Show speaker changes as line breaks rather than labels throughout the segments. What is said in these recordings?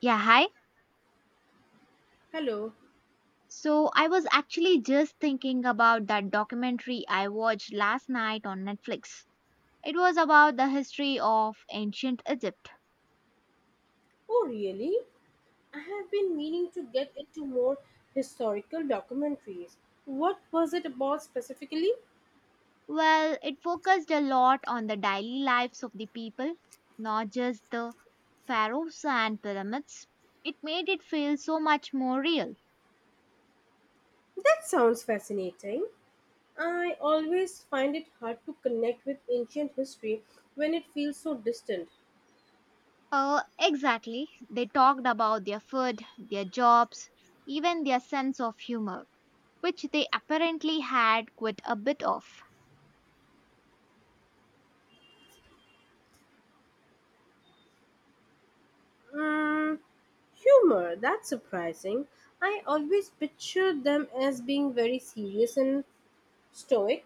Yeah, hi.
Hello.
So I was actually just thinking about that documentary I watched last night on Netflix. It was about the history of ancient Egypt.
Oh, really? I have been meaning to get into more historical documentaries. What was it about specifically?
Well, it focused a lot on the daily lives of the people, not just the pharaohs and pyramids. It made it feel so much more real.
That sounds fascinating. I always find it hard to connect with ancient history when it feels so distant.
Exactly. They talked about their food, their jobs, even their sense of humor, which they apparently had quite a bit of.
Mm, humor, that's surprising. I always pictured them as being very serious and stoic.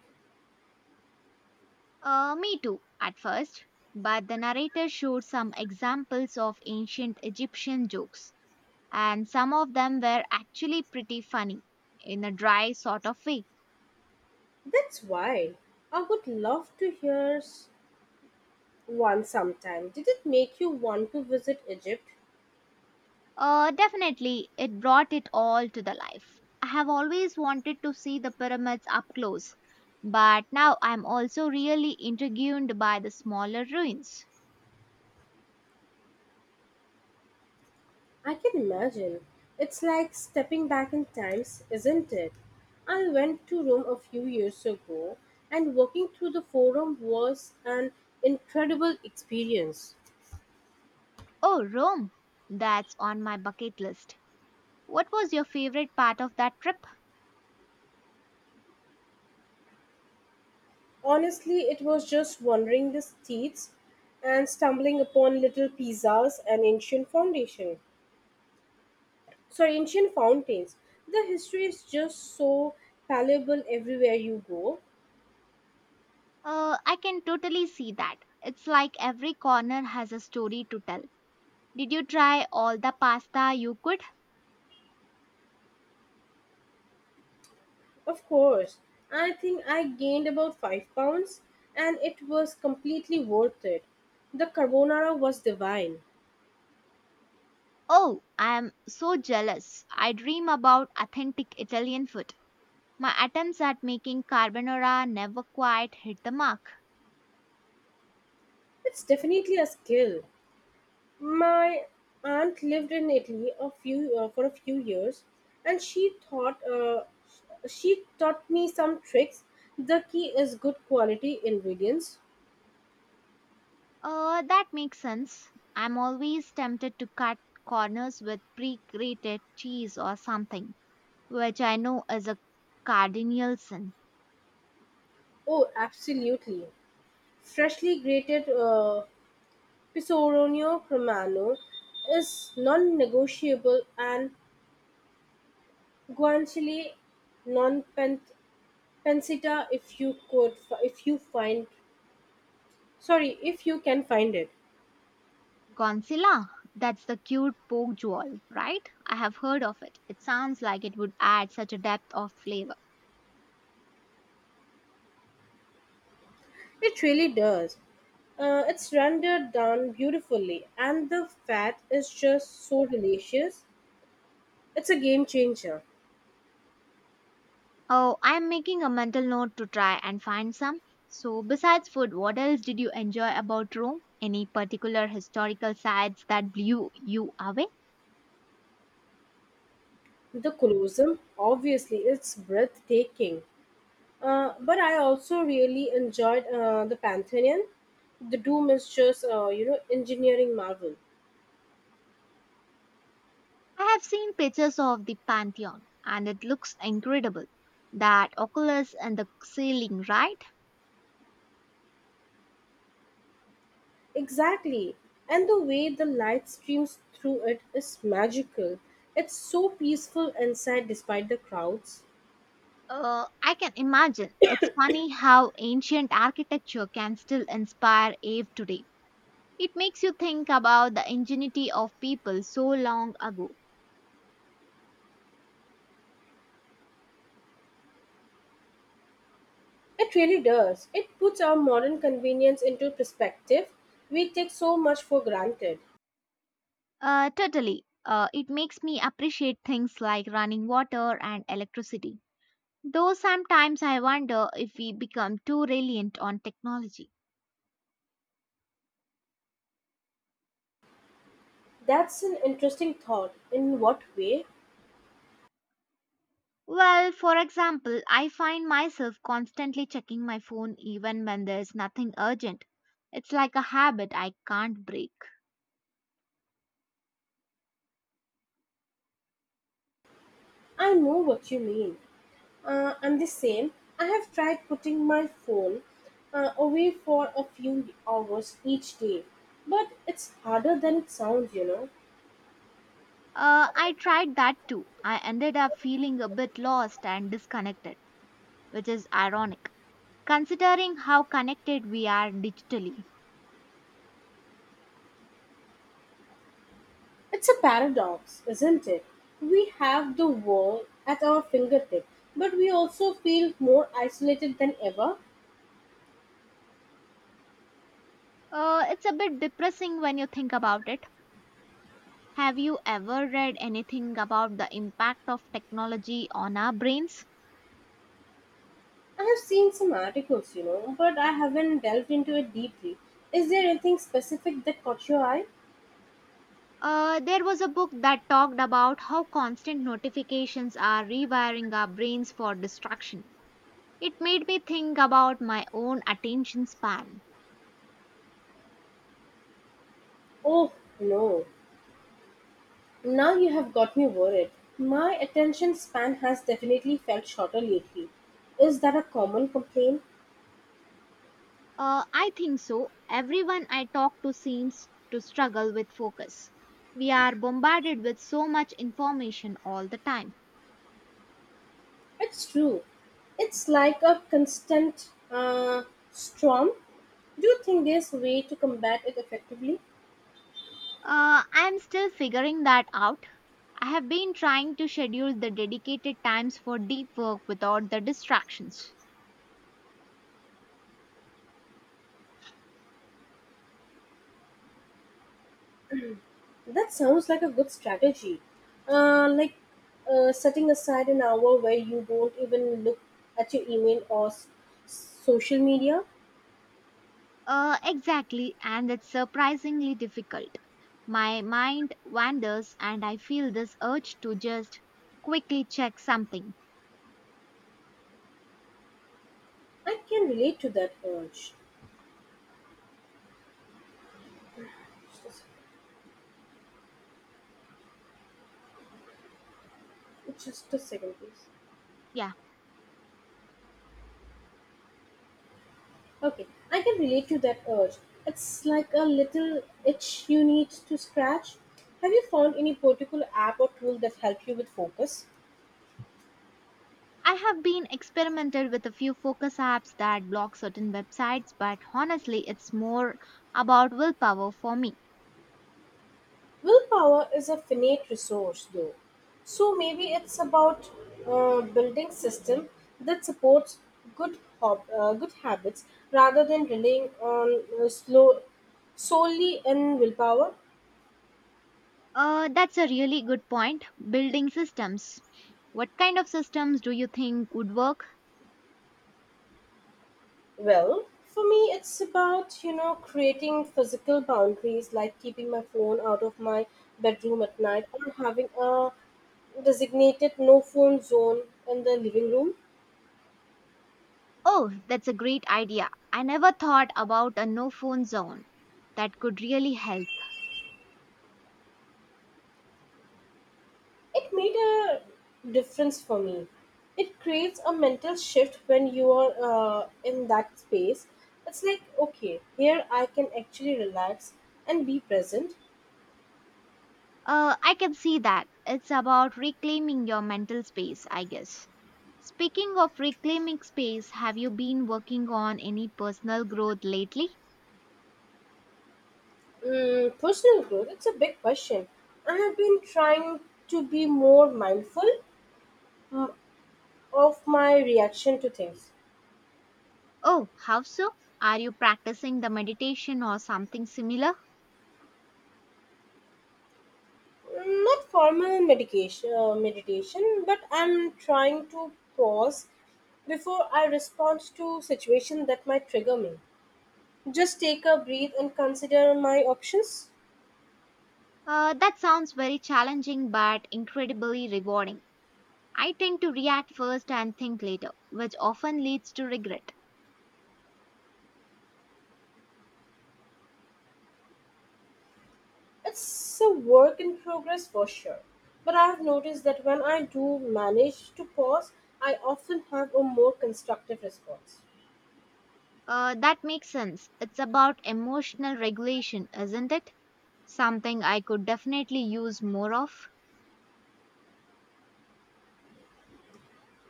Me too, at first, but the narrator showed some examples of ancient Egyptian jokes, and some of them were actually pretty funny in a dry sort of way.
That's wild. I would love to hear one sometime. Did it make you want to visit Egypt?
Definitely, it brought it all to the life. I have always wanted to see the pyramids up close, but now I'm also really intrigued by the smaller ruins.
I can imagine. It's like stepping back in times, isn't it? I went to Rome a few years ago, and walking through the Forum was an incredible experience.
Oh, Rome! That's on my bucket list. What was your favorite part of that trip?
Honestly, it was just wandering the streets and stumbling upon little pizzas and ancient foundation. Sorry, ancient fountains. The history is just so palpable everywhere you go.
I can totally see that. It's like every corner has a story to tell. Did you try all the pasta you could?
Of course, I think I gained about 5 pounds, and it was completely worth it. The carbonara was divine.
Oh, I am so jealous. I dream about authentic Italian food. My attempts at making carbonara never quite hit the mark.
It's definitely a skill. My aunt lived in Italy a few for a few years, and she taught me some tricks. The key is good quality ingredients.
That makes sense. I'm always tempted to cut corners with pre grated cheese or something, which I know is a cardinal sin.
Oh, absolutely. Freshly grated Pecorino Romano is non-negotiable, and Guanciale, non pancita, if you if you find, sorry, if you can find it.
Godzilla? That's the cute pork jewel, right? I have heard of it. It sounds like it would add such a depth of flavor.
It really does. It's rendered down beautifully, and the fat is just so delicious. It's a game changer.
Oh, I'm making a mental note to try and find some. So, besides food, what else did you enjoy about Rome? Any particular historical sites that blew you away?
The colossum, obviously, it's breathtaking. But I also really enjoyed the Pantheon. The Doom is just engineering marvel.
I have seen pictures of the Pantheon and it looks incredible. That oculus and the ceiling, right?
Exactly. And the way the light streams through it is magical. It's so peaceful inside, despite the crowds.
I can imagine. It's funny how ancient architecture can still inspire Ave today. It makes you think about the ingenuity of people so long ago.
It really does. It puts our modern convenience into perspective. We take so much for granted.
Totally. It makes me appreciate things like running water and electricity. Though sometimes I wonder if we become too reliant on technology.
That's an interesting thought. In what way?
Well, for example, I find myself constantly checking my phone even when there's nothing urgent. It's like a habit I can't break.
I know what you mean. I'm the same. I have tried putting my phone away for a few hours each day, but it's harder than it sounds.
I tried that too. I ended up feeling a bit lost and disconnected, which is ironic considering how connected we are digitally.
It's a paradox, isn't it? We have the world at our fingertip, but we also feel more isolated than ever.
It's a bit depressing when you think about it. Have you ever read anything about the impact of technology on our brains?
I have seen some articles, but I haven't delved into it deeply. Is there anything specific that caught your eye?
There was a book that talked about how constant notifications are rewiring our brains for distraction. It made me think about my own attention span.
Oh, no. Now you have got me worried. My attention span has definitely felt shorter lately. Is that a common complaint?
I think so. Everyone I talk to seems to struggle with focus. We are bombarded with so much information all the time.
It's true. It's like a constant storm. Do you think there's a way to combat it effectively?
I'm still figuring that out. I have been trying to schedule the dedicated times for deep work without the distractions.
That sounds like a good strategy. Like setting aside an hour where you don't even look at your email or social media.
Exactly, and it's surprisingly difficult. My mind wanders, and I feel this urge to just quickly check something.
I can relate to that urge. Just just a second, please.
Yeah,
Okay, I can relate to that urge. It's like a little itch you need to scratch. Have you found any particular app or tool that help you with focus?
I have been experimented with a few focus apps that block certain websites, but honestly, it's more about willpower for me.
Willpower is a finite resource, though. So maybe it's about building system that supports good habits rather than relying on slow solely in willpower.
That's a really good point. Building systems. What kind of systems do you think would work?
Well, for me, it's about creating physical boundaries, like keeping my phone out of my bedroom at night, or having a designated no phone zone in the living room.
Oh, that's a great idea. I never thought about a no phone zone. That could really help.
It made a difference for me. It creates a mental shift when you are in that space. It's like, okay, here I can actually relax and be present.
I can see that. It's about reclaiming your mental space, I guess. Speaking of reclaiming space, have you been working on any personal growth lately?
Mm, personal growth, it's a big question. I have been trying to be more mindful mm, of my reaction to things.
Oh, how so? Are you practicing the meditation or something similar?
Not formal medication, meditation, but I'm trying to pause before I respond to situation that might trigger me. Just take a breath and consider my options.
That sounds very challenging but incredibly rewarding. I tend to react first and think later, which often leads to regret.
It's a work in progress for sure. But I have noticed that when I do manage to pause, I often have a more constructive response.
That makes sense. It's about emotional regulation, isn't it? Something I could definitely use more of.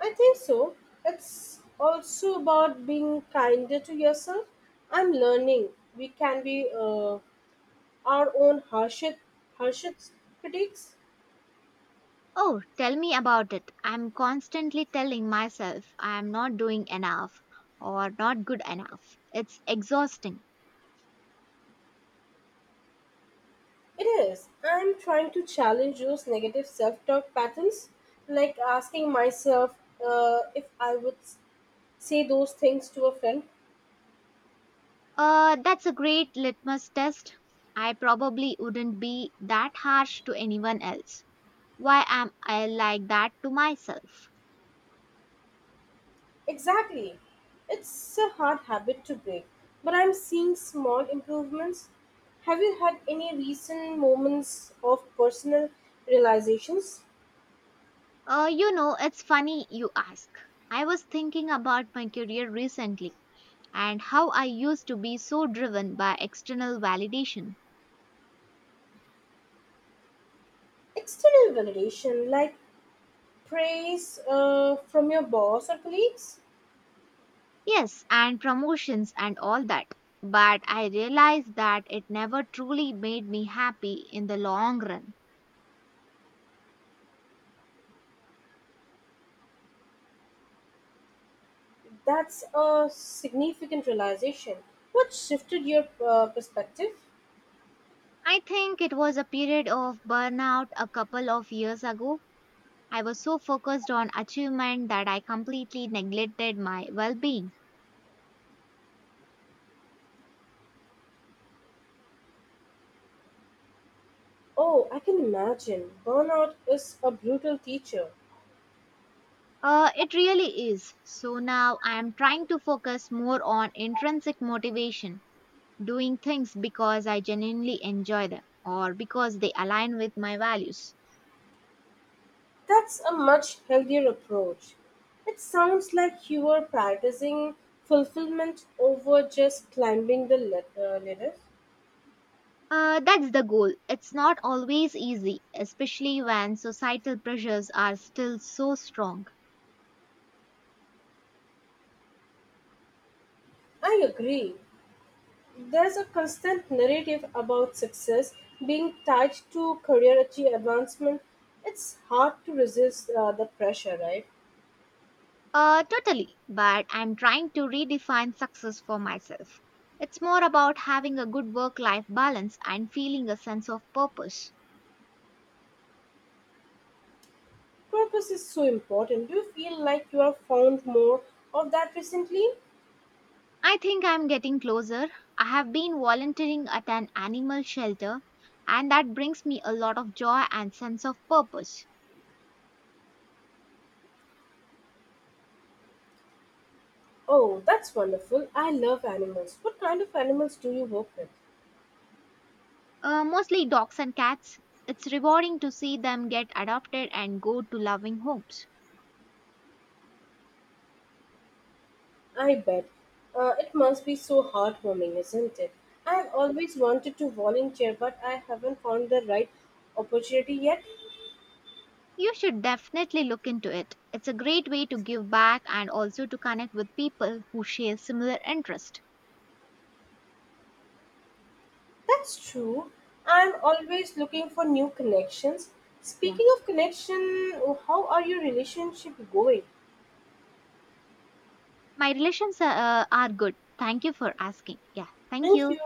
I think so. It's also about being kinder to yourself. I'm learning. We can be our own harshest critics.
Oh, tell me about it. I'm constantly telling myself I'm not doing enough or not good enough. It's exhausting.
It is. I'm trying to challenge those negative self talk patterns, like asking myself if I would say those things to a friend.
That's a great litmus test. I probably wouldn't be that harsh to anyone else. Why am I like that to myself?
Exactly. It's a hard habit to break, but I'm seeing small improvements. Have you had any recent moments of personal realizations?
It's funny you ask. I was thinking about my career recently and how I used to be so driven by external validation.
External validation, like praise from your boss or colleagues?
Yes, and promotions and all that. But I realized that it never truly made me happy in the long run.
That's a significant realization. What shifted your perspective?
I think it was a period of burnout a couple of years ago. I was so focused on achievement that I completely neglected my well being.
Oh, I can imagine. Burnout is a brutal teacher.
It really is. So now I am trying to focus more on intrinsic motivation doing things because I genuinely enjoy them or because they align with my values.
That's a much healthier approach. It sounds like you were prioritizing fulfillment over just climbing the ladder.
That's the goal. It's not always easy, especially when societal pressures are still so strong.
I agree. There's a constant narrative about success being tied to career advancement. It's hard to resist the pressure, right?
Totally, but I'm trying to redefine success for myself. It's more about having a good work life balance and feeling a sense of purpose.
Purpose is so important. Do you feel like you have found more of that recently?
I think I'm getting closer. I have been volunteering at an animal shelter, and that brings me a lot of joy and sense of purpose.
Oh, that's wonderful. I love animals. What kind of animals do you work with?
Mostly dogs and cats. It's rewarding to see them get adopted and go to loving homes.
I bet. It must be so heartwarming, isn't it? I have always wanted to volunteer, but I haven't found the right opportunity yet.
You should definitely look into it. It's a great way to give back and also to connect with people who share similar interest.
That's true. I'm always looking for new connections.
Yeah.
Speaking of connection, how are your relationship going?
My relations are good. Thank you for asking. Yeah. Thank
Thank
you.
you.